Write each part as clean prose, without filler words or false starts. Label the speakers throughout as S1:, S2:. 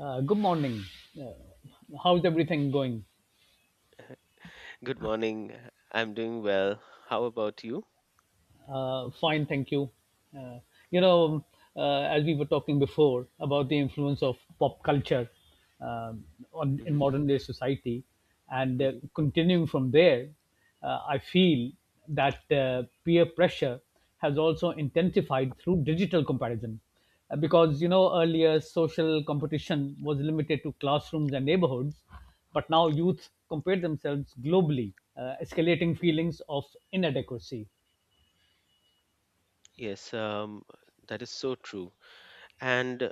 S1: Good morning. Uh, how's everything going?
S2: Good morning. I'm doing well. How about you?
S1: Fine, thank you. Uh, you know, as we were talking before about the influence of pop culture um, on in
S2: hmm
S1: modern day society, and uh,
S2: hmm
S1: continuing from there, I feel that peer pressure has also intensified through digital comparison, Because you know earlier social competition was limited to classrooms and neighborhoods, but now youth compare themselves globally, escalating feelings of inadequacy.
S2: Yes, that is so true. And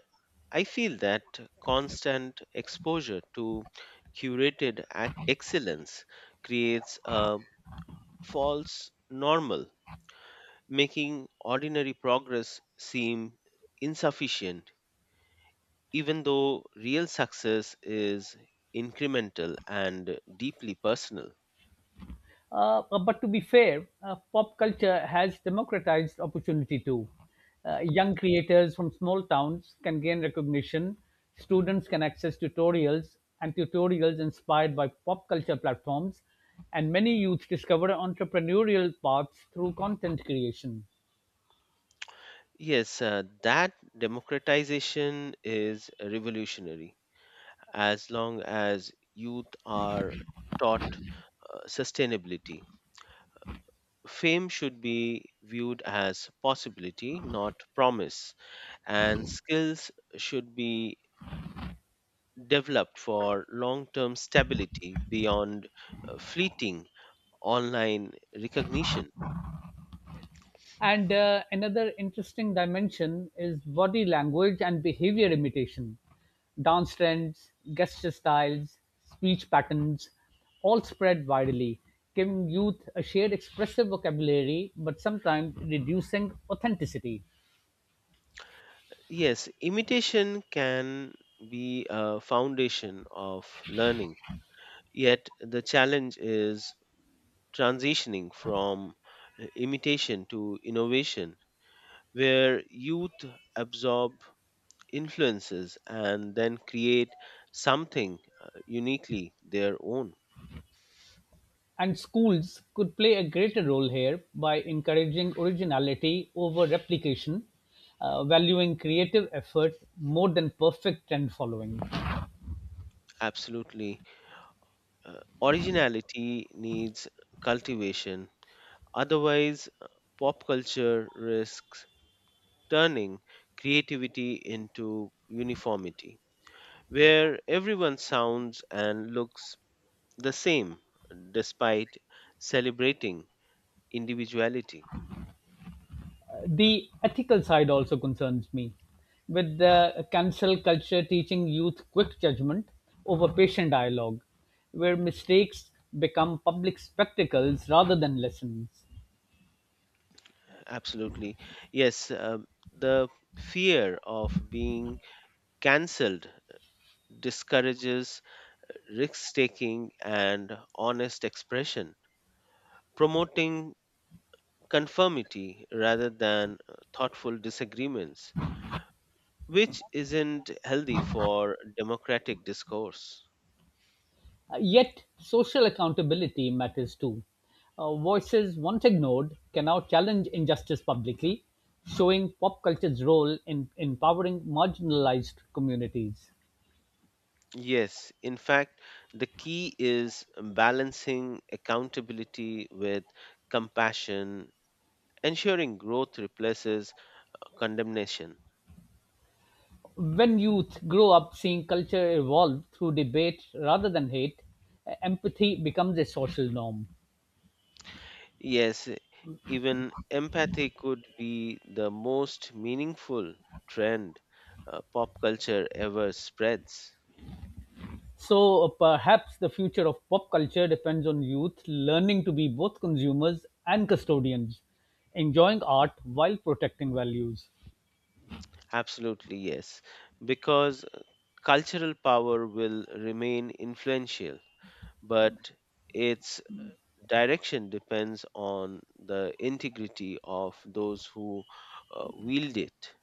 S2: I feel that constant exposure to excellence creates a false normal, making ordinary progress seem insufficient, even though real success is incremental and deeply personal.
S1: But to be fair, pop culture has democratized opportunity too. Young creators from small towns can gain recognition, students can access tutorials and tutorials inspired by pop culture platforms, and many youths discover entrepreneurial paths through content creation.
S2: Yes, that democratization is revolutionary as long as youth are taught sustainability. Fame should be viewed as possibility, not promise, and skills should be developed for long term stability beyond fleeting online recognition.
S1: And another interesting dimension is body language and behavior imitation. Dance trends, gesture styles, speech patterns all spread widely, giving youth a shared expressive vocabulary but sometimes reducing authenticity.
S2: Yes, imitation can be a foundation of learning. Yet the challenge is transitioning from imitation to innovation, where youth absorb influences and then create something uniquely their own.
S1: And schools could play a greater role here by encouraging originality over replication, valuing creative effort more than perfect trend following.
S2: Absolutely. Originality needs cultivation, otherwise, pop culture risks turning creativity into uniformity, where everyone sounds and looks the same despite celebrating individuality.
S1: The ethical side also concerns me. With the cancel culture teaching youth quick judgment over patient dialogue, where mistakes become public spectacles rather than lessons.
S2: Absolutely. Yes, the fear of being cancelled discourages risk taking and honest expression, promoting conformity rather than thoughtful disagreements, which isn't healthy for democratic discourse.
S1: Yet, social accountability matters too. Voices once ignored can now challenge injustice publicly, showing pop culture's role in empowering marginalized communities.
S2: Yes, in fact, the key is balancing accountability with compassion, ensuring growth replaces condemnation.
S1: When youth grow up seeing culture evolve through debate rather than hate, empathy becomes a social norm.
S2: Yes, even empathy could be the most meaningful trend pop culture ever spreads.
S1: So perhaps the future of pop culture depends on youth learning to be both consumers and custodians, enjoying art while protecting values.
S2: Absolutely, yes, because cultural power will remain influential, but its direction depends on the integrity of those who wield it.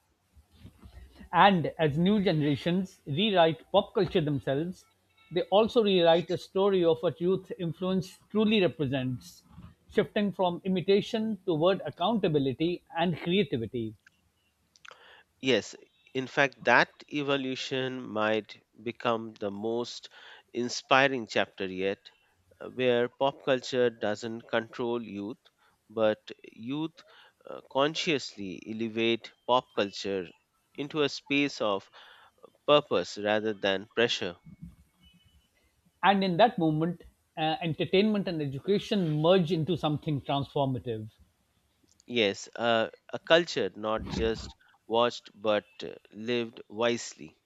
S1: And as new generations rewrite pop culture themselves, they also rewrite a story of what youth influence truly represents, shifting from imitation toward accountability and creativity.
S2: Yes, in fact, that evolution might become the most inspiring chapter yet, where pop culture doesn't control youth, but youth consciously elevate pop culture into a space of purpose rather than pressure.
S1: And in that moment, entertainment and education merge into something transformative.
S2: Yes, a culture not just watched but lived wisely.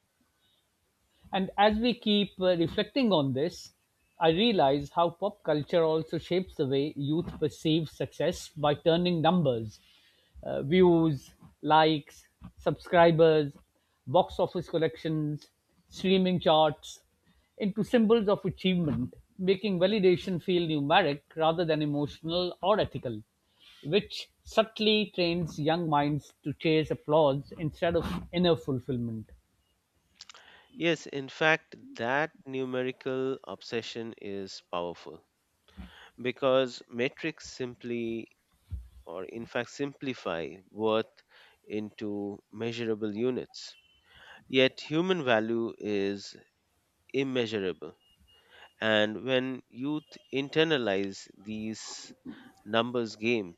S1: And as we keep reflecting on this, I realize how pop culture also shapes the way youth perceive success by turning numbers, views, likes, subscribers, box office collections, streaming charts into symbols of achievement, making validation feel numeric rather than emotional or ethical, which subtly trains young minds to chase applause instead of inner fulfillment.
S2: Yes, in fact, that numerical obsession is powerful because metrics simply, or in fact, simplify worth into measurable units. Yet, human value is immeasurable. And when youth internalize these numbers games,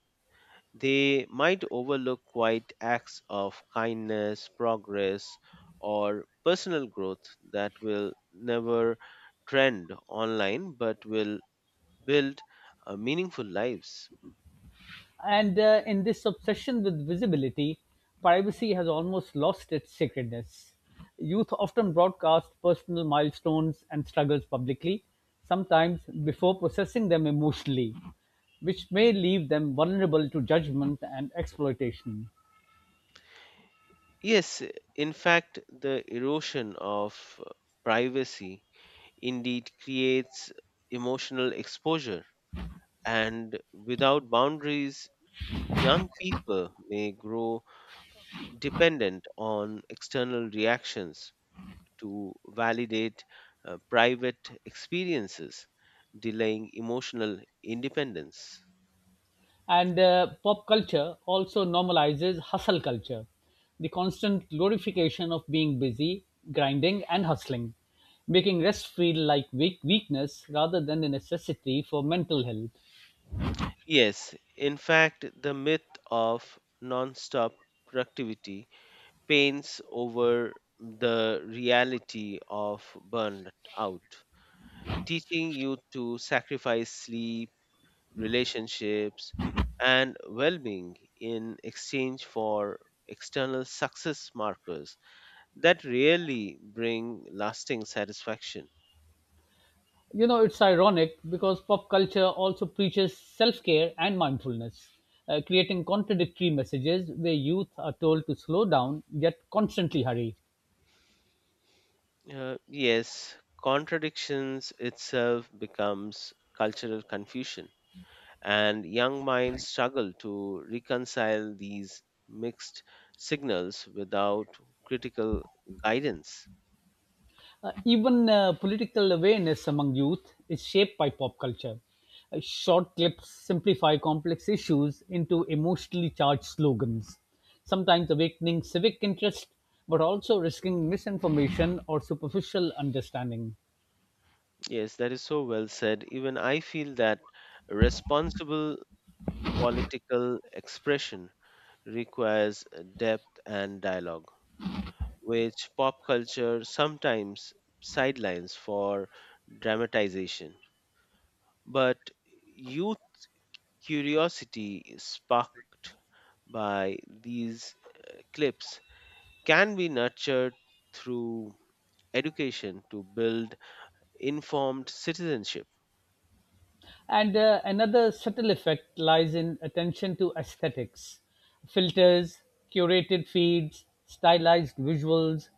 S2: they might overlook quiet acts of kindness, progress, or personal growth that will never trend online but will build meaningful lives.
S1: And in this obsession with visibility, privacy has almost lost its sacredness. Youth often broadcast personal milestones and struggles publicly, sometimes before processing them emotionally, which may leave them vulnerable to judgment and exploitation.
S2: Yes, in fact, the erosion of uh, privacy indeed creates emotional exposure, and without boundaries, young people may grow dependent on external reactions to validate private experiences, delaying emotional independence.
S1: And pop culture also normalizes hustle culture, the constant glorification of being busy, grinding, and hustling, making rest feel like weakness rather than a necessity for mental health.
S2: Yes, in fact, the myth of non-stop productivity paints over the reality of burnout, teaching you to sacrifice sleep, relationships, and well being in exchange for external success markers that really bring lasting satisfaction.
S1: You know, it's ironic because pop culture also preaches self care and mindfulness, creating contradictory messages where youth are told to slow down yet constantly hurry.
S2: Yes, contradictions itself becomes cultural confusion, and young minds struggle to reconcile these mixed signals without critical guidance.
S1: Even political awareness among youth is shaped by pop culture. Short clips simplify complex issues into emotionally charged slogans, sometimes awakening civic interest, but also risking misinformation or superficial understanding.
S2: Yes, that is so well said. Even I feel that responsible political expression requires depth and dialogue, which pop culture sometimes sidelines for dramatization. But youth curiosity sparked by these clips can be nurtured through education to build informed citizenship.
S1: And another subtle effect lies in attention to aesthetics, filters, curated feeds, stylized visuals,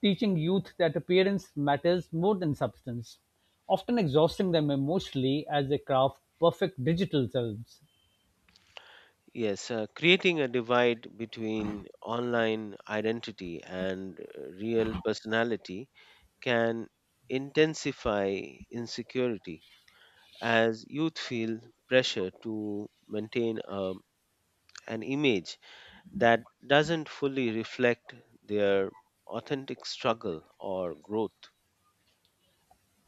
S1: teaching youth that appearance matters more than substance, often exhausting them emotionally as they craft perfect digital selves.
S2: Yes, creating a divide between online identity and real personality can intensify insecurity as youth feel pressure to maintain an image that doesn't fully reflect their authentic struggle or growth.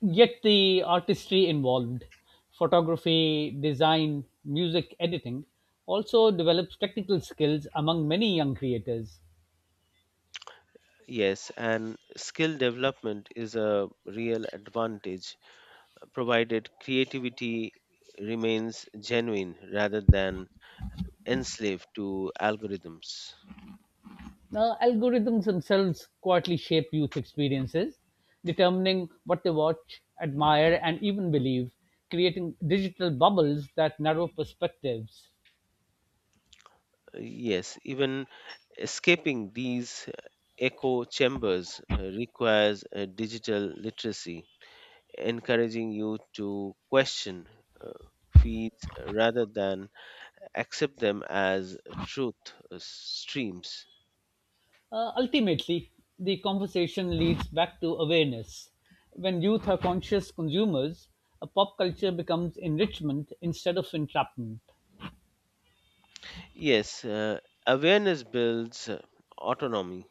S1: Yet the artistry involved, photography, design, music, editing, also develops technical skills among many young creators.
S2: Yes, and skill development is a real advantage provided creativity remains genuine rather than enslaved to algorithms.
S1: Now, algorithms themselves quietly shape youth experiences, determining what they watch, admire, and even believe, creating digital bubbles that narrow perspectives.
S2: Yes, even escaping these echo chambers requires digital literacy encouraging you to question uh, feeds rather than accept them as truth streams.
S1: Ultimately, the conversation leads back to awareness. When youth are conscious consumers, a pop culture becomes enrichment instead of entrapment.
S2: Yes, awareness builds autonomy,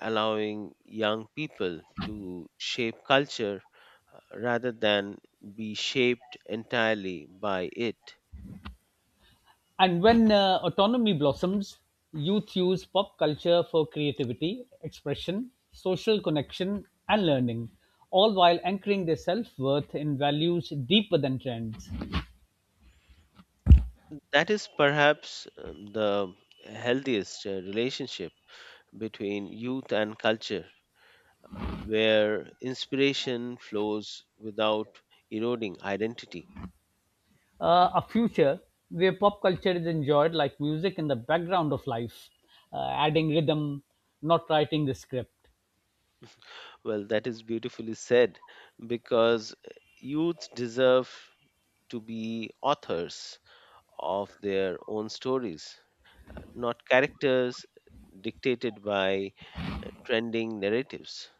S2: allowing young people to shape culture rather than be shaped entirely by it.
S1: And when autonomy blossoms, youth use pop culture for creativity, expression, social connection, and learning, all while anchoring their self worth in values deeper than trends.
S2: That is perhaps the healthiest relationship between youth and culture where inspiration flows without eroding identity.
S1: A future where pop culture is enjoyed like music in the background of life, adding rhythm, not writing the script.
S2: Well, that is beautifully said because youth deserve to be authors of their own stories, not characters dictated by trending narratives.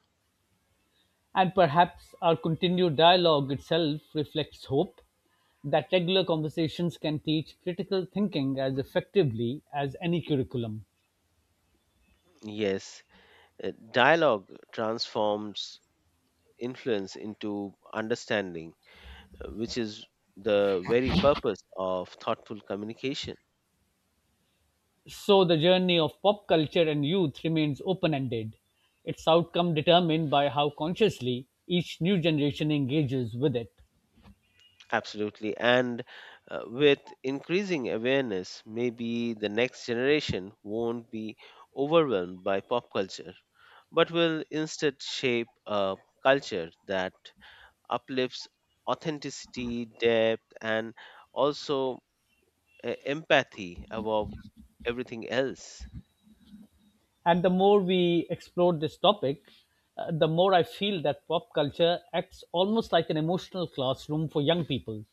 S1: And perhaps our continued dialogue itself reflects hope that regular conversations can teach critical thinking as effectively as any curriculum.
S2: Yes, dialogue transforms influence into understanding, which is the very purpose of thoughtful communication.
S1: So, the journey of pop culture and youth remains open ended, its outcome determined by how consciously each new generation engages with it.
S2: Absolutely. And with increasing awareness, maybe the next generation won't be overwhelmed by pop culture, but will instead shape a culture that uplifts authenticity, depth, and also empathy above everything else.
S1: And the more we explore this topic, the more I feel that pop culture acts almost like an emotional classroom for young people,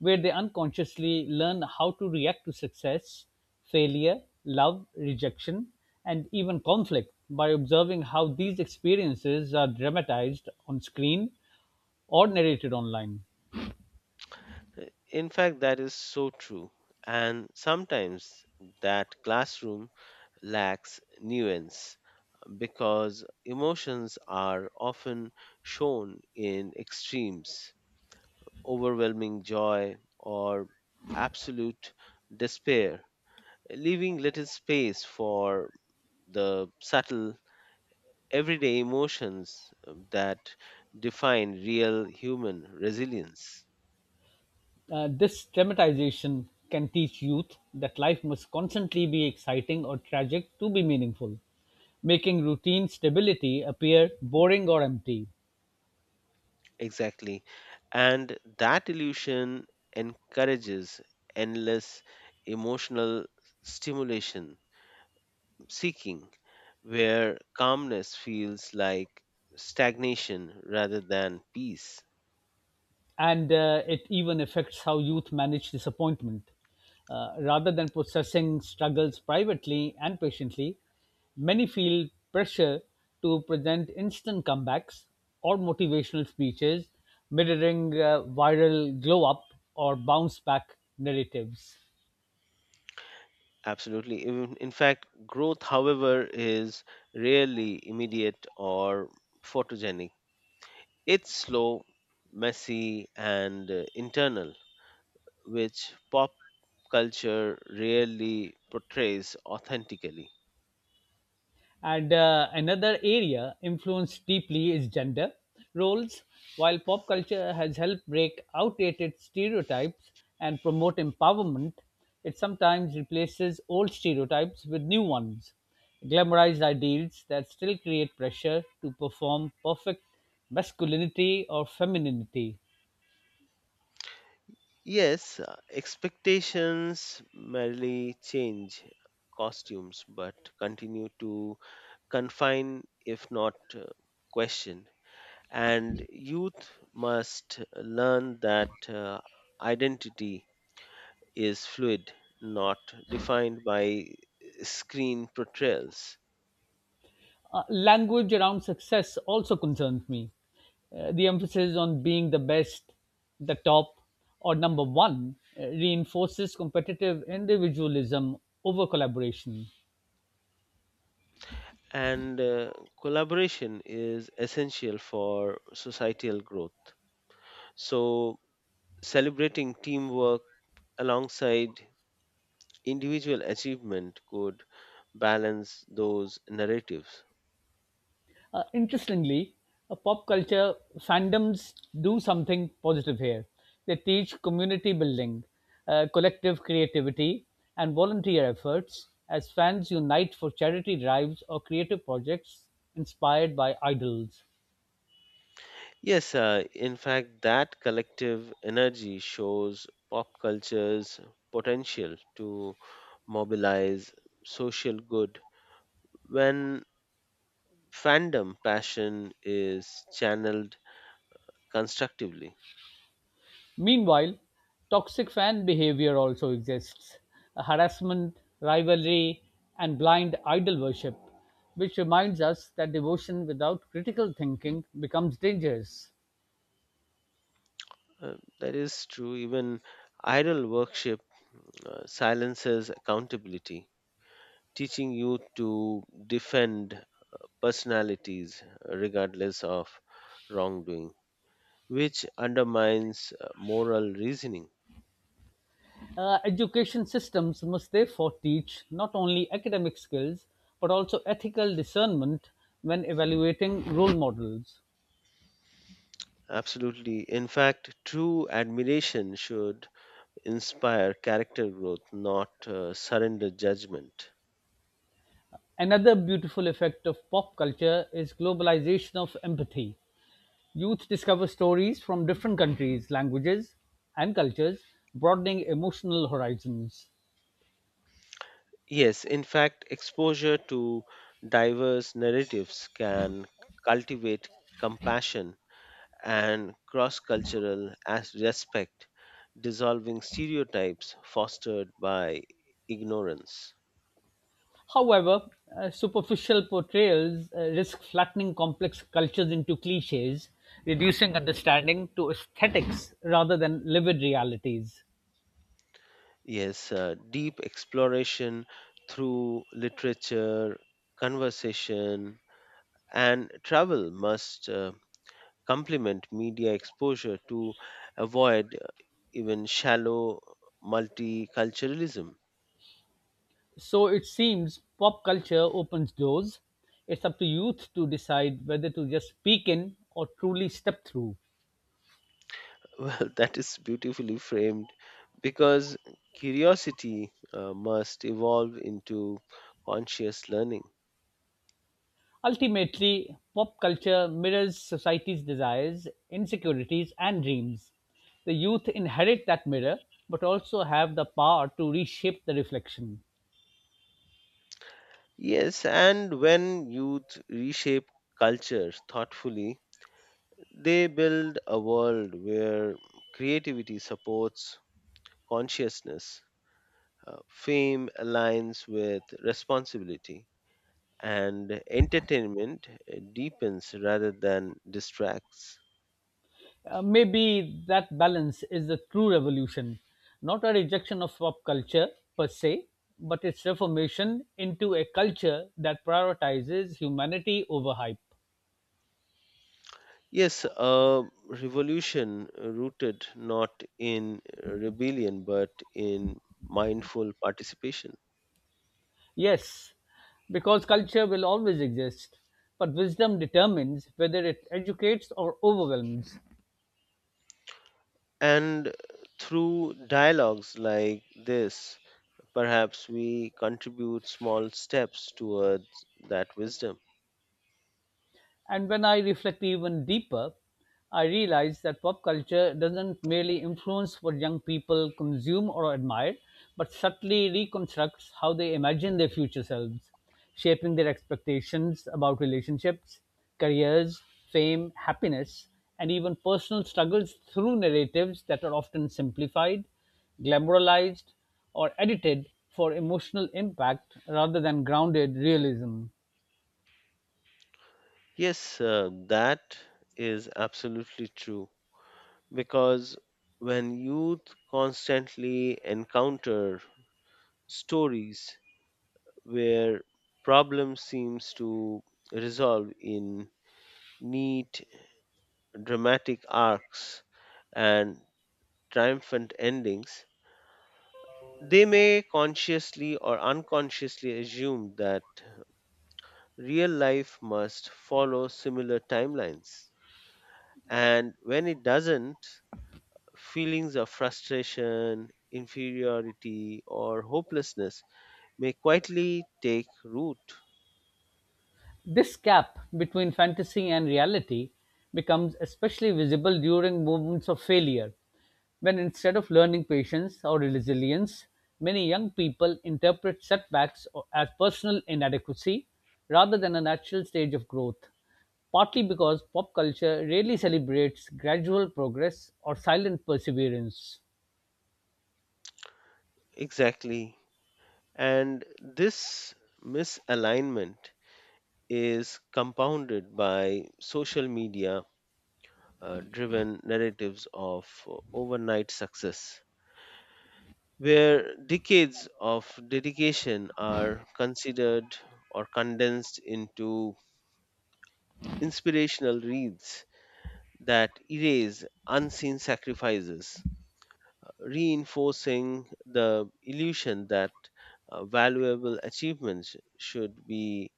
S1: where they unconsciously learn how to react to success, failure, love, rejection, and even conflict by observing how these experiences are dramatized on screen or narrated online.
S2: Uh, In fact, that is so true. And sometimes that classroom lacks nuance, because emotions are often shown in extremes: overwhelming joy or absolute despair, leaving little space for the subtle everyday emotions that define real human resilience.
S1: This dramatization can teach youth that life must constantly be exciting or tragic to be meaningful, making routine stability appear boring or empty.
S2: Exactly. And that illusion encourages endless emotional stimulation seeking, where calmness feels like stagnation rather than peace.
S1: And it even affects how youth manage disappointment. Rather than processing struggles privately and patiently, many feel pressure to present instant comebacks or motivational speeches, mirroring viral glow up or bounce back narratives.
S2: Absolutely. In fact, growth, however, is rarely immediate or photogenic. It's slow, messy, and internal, which pop culture rarely portrays authentically.
S1: And another area influenced deeply is gender roles. While pop culture has helped break outdated stereotypes and promote empowerment, it sometimes replaces old stereotypes with new ones. Glamorized ideals that still create pressure to perform perfect masculinity or femininity.
S2: Yes, expectations merely change costumes but continue to confine if not question, and youth must learn that identity is fluid, not defined by screen portrayals.
S1: Language around success also concerns me. The emphasis on being the best, the top, or number one reinforces competitive individualism over collaboration.
S2: And collaboration is essential for societal growth, so celebrating teamwork alongside individual achievement could balance those narratives.
S1: Interestingly, pop culture fandoms do something positive here. They teach community building, collective creativity, and volunteer efforts as fans unite for charity drives or creative projects inspired by idols.
S2: Yes, in fact, that collective energy shows pop culture's potential to mobilize social good when fandom passion is channeled constructively.
S1: Meanwhile, toxic fan behavior also exists harassment, rivalry, and blind idol worship, which reminds us that devotion without critical thinking becomes dangerous.
S2: Uh, that is true, even idol worship silences accountability, teaching youth to defend personalities regardless of wrongdoing, which undermines moral reasoning.
S1: Education systems must therefore teach not only academic skills but also ethical discernment when evaluating role models.
S2: Absolutely. In fact, true admiration should inspire character growth, not surrender judgment.
S1: Another beautiful effect of pop culture is globalization of empathy. Youth discover stories from different countries, languages, and cultures, broadening emotional horizons.
S2: Yes, in fact, exposure to diverse narratives can cultivate compassion and cross cultural as respect, dissolving stereotypes fostered by ignorance.
S1: However, superficial portrayals risk flattening complex cultures into cliches, reducing understanding to aesthetics rather than livid realities.
S2: Yes, deep exploration through literature, conversation, and travel must complement media exposure to avoid even shallow multiculturalism.
S1: So it seems pop culture opens doors. It's up to youth to decide whether to just peek in or truly step through.
S2: Well, that is beautifully framed because curiosity must evolve into conscious learning.
S1: Ultimately, pop culture mirrors society's desires, insecurities, and dreams. The youth inherit that mirror but also have the power to reshape the reflection.
S2: Yes, and when youth reshape culture thoughtfully, they build a world where creativity supports consciousness. Fame aligns with responsibility, and entertainment deepens rather than distracts.
S1: Maybe that balance is the true revolution, not a rejection of pop culture per se, but its reformation into a culture that prioritizes humanity over hype.
S2: Yes, a revolution rooted not in rebellion but in mindful participation.
S1: Yes, because culture will always exist, but wisdom determines whether it educates or overwhelms.
S2: And through dialogues like this, perhaps we contribute small steps towards that wisdom.
S1: And when I reflect even deeper, I realize that pop culture doesn't merely influence what young people consume or admire, but subtly reconstructs how they imagine their future selves, shaping their expectations about relationships, careers, fame, happiness, and even personal struggles through narratives that are often simplified, glamorized, or edited for emotional impact rather than grounded realism.
S2: Yes, that is absolutely true, because when youth constantly encounter stories where problem seems to resolve in neat dramatic arcs and triumphant endings, they may consciously or unconsciously assume that real life must follow similar timelines, and when it doesn't, feelings of frustration, inferiority, or hopelessness may quietly take root.
S1: This gap between fantasy and reality becomes especially visible during moments of failure, when instead of learning patience or resilience, many young people interpret setbacks as personal inadequacy rather than a natural stage of growth, partly because pop culture rarely celebrates gradual progress or silent perseverance.
S2: Exactly. And this misalignment is compounded by social media driven narratives of overnight success, where decades of dedication are considered or condensed into inspirational reads that erase unseen sacrifices, reinforcing the illusion that valuable achievements should be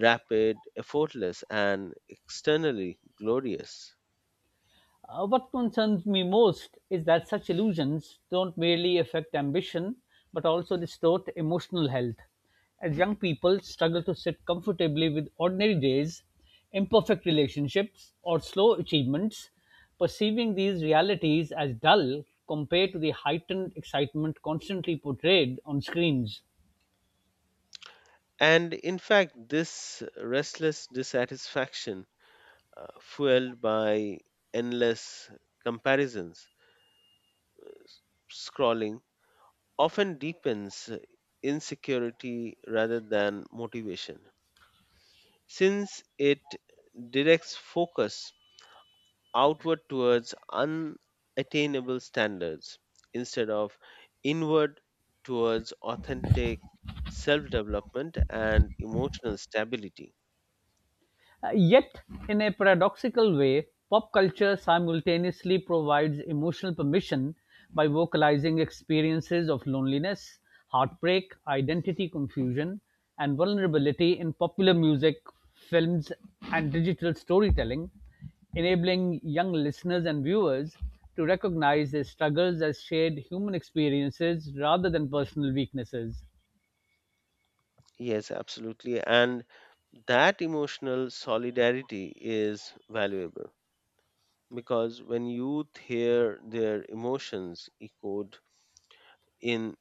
S2: rapid, effortless, and externally glorious.
S1: What concerns me most is that such illusions don't merely affect ambition but also distort emotional health. As young people struggle to sit comfortably with ordinary days, imperfect relationships, or slow achievements, perceiving these realities as dull compared to the heightened excitement constantly portrayed on screens.
S2: And in fact, this restless dissatisfaction, fueled by endless comparisons, scrolling, often deepens insecurity rather than motivation, since it directs focus outward towards unattainable standards instead of inward towards authentic self development and emotional stability.
S1: Yet, in a paradoxical way, pop culture simultaneously provides emotional permission by vocalizing experiences of loneliness, heartbreak, identity confusion, and vulnerability in popular music, films, and digital storytelling, enabling young listeners and viewers to recognize their struggles as shared human experiences rather than personal weaknesses.
S2: Yes, absolutely. And that emotional solidarity is valuable because when youth hear their emotions echoed in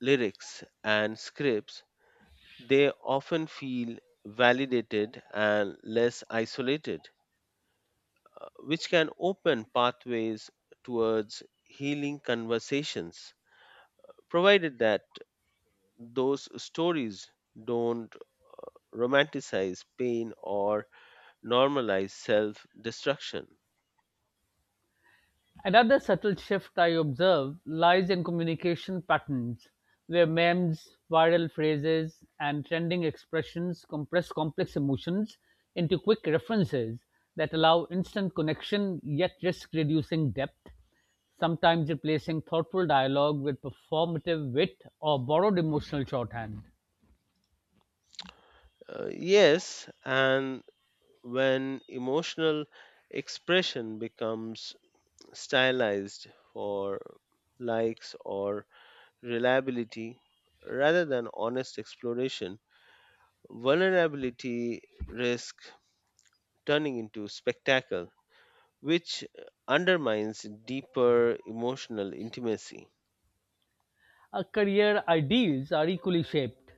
S2: lyrics and scripts, they often feel validated and less isolated, which can open pathways towards healing conversations, provided that those stories don't romanticize pain or normalize self destruction.
S1: Another subtle shift I observe lies in communication patterns, where memes, viral phrases, and trending expressions compress complex emotions into quick references that allow instant connection yet risk reducing depth, sometimes replacing thoughtful dialogue with performative wit or borrowed emotional shorthand.
S2: Yes, and when emotional expression becomes stylized for likes or reliability rather than honest exploration, vulnerability risk turning into spectacle, which undermines deeper emotional intimacy.
S1: Our career ideals are equally shaped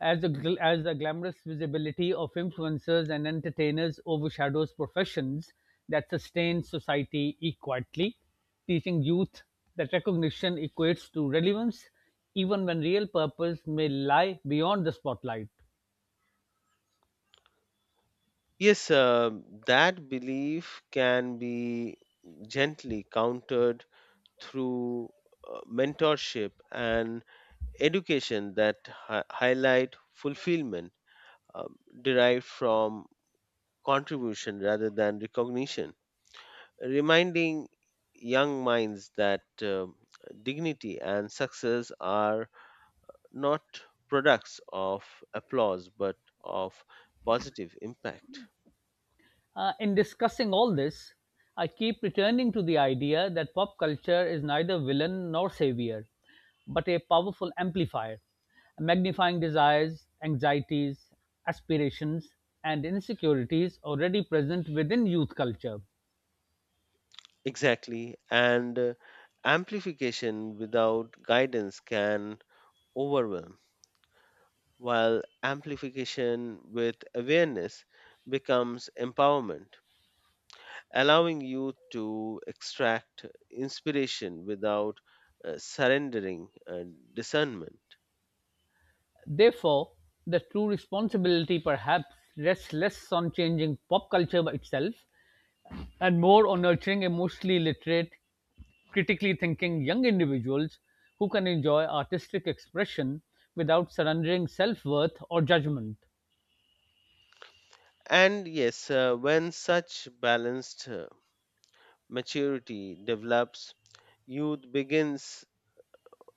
S1: as the as the glamorous visibility of influencers and entertainers overshadows professions that sustain society equally, teaching youth that recognition equates to relevance, even when real purpose may lie beyond the spotlight.
S2: Yes, that belief can be gently countered through mentorship and education that highlight fulfillment um, derived from contribution rather than recognition, reminding young minds that dignity and success are not products of applause but of positive impact.
S1: In discussing all this, I keep returning to the idea that pop culture is neither villain nor savior, but a powerful amplifier, magnifying desires, anxieties, aspirations, and insecurities already present within youth culture.
S2: Exactly. And amplification without guidance can overwhelm, while amplification with awareness becomes empowerment, allowing you to extract inspiration without surrendering discernment.
S1: Therefore, the true responsibility perhaps rests less on changing pop culture itself and more on nurturing emotionally literate, critically thinking young individuals who can enjoy artistic expression without surrendering self worth or judgment.
S2: And yes, when such balanced maturity develops, youth begins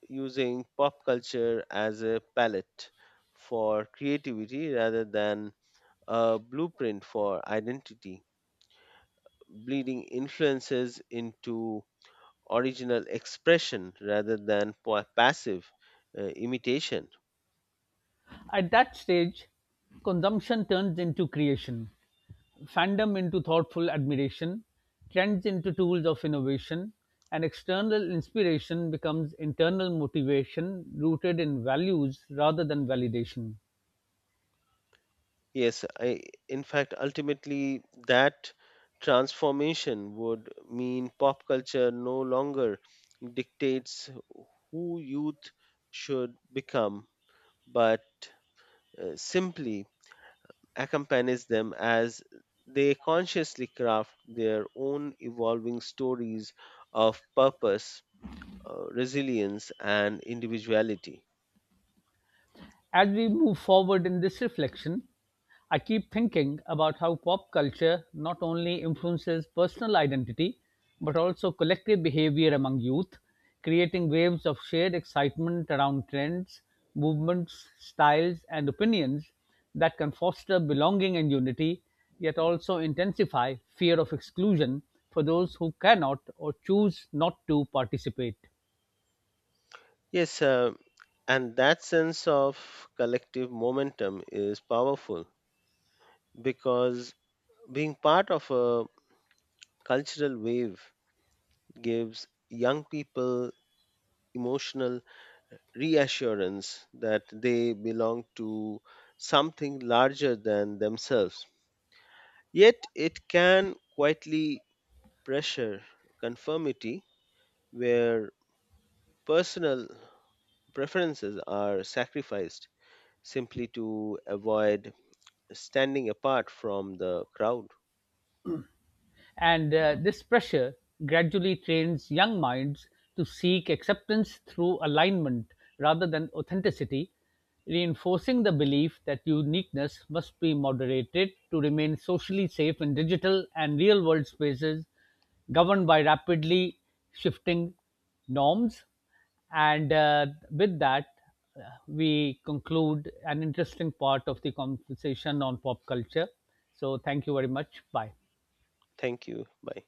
S2: using pop culture as a palette for creativity rather than a blueprint for identity, bleeding influences into original expression rather than passive imitation.
S1: At that stage, consumption turns into creation, fandom into thoughtful admiration, trends into tools of innovation, and external inspiration becomes internal motivation rooted in values rather than validation.
S2: Yes, I, in fact, ultimately, that transformation would mean pop culture no longer dictates who youth should become, but simply accompanies them as they consciously craft their own evolving stories of purpose, resilience, and individuality.
S1: As we move forward in this reflection, I keep thinking about how pop culture not only influences personal identity but also collective behavior among youth, creating waves of shared excitement around trends, movements, styles, and opinions that can foster belonging and unity, yet also intensify fear of exclusion for those who cannot or choose not to participate.
S2: Yes, and that sense of collective momentum is powerful because being part of a cultural wave gives young people emotional reassurance that they belong to something larger than themselves. Yet it can quietly pressure conformity where personal preferences are sacrificed simply to avoid standing apart from the crowd.
S1: And this pressure gradually trains young minds to seek acceptance through alignment rather than authenticity, reinforcing the belief that uniqueness must be moderated to remain socially safe in digital and real world spaces governed by rapidly shifting norms. And uh, with that, uh, we conclude an interesting part of the conversation on pop culture. So, thank you very much. Bye.
S2: Thank you. Bye.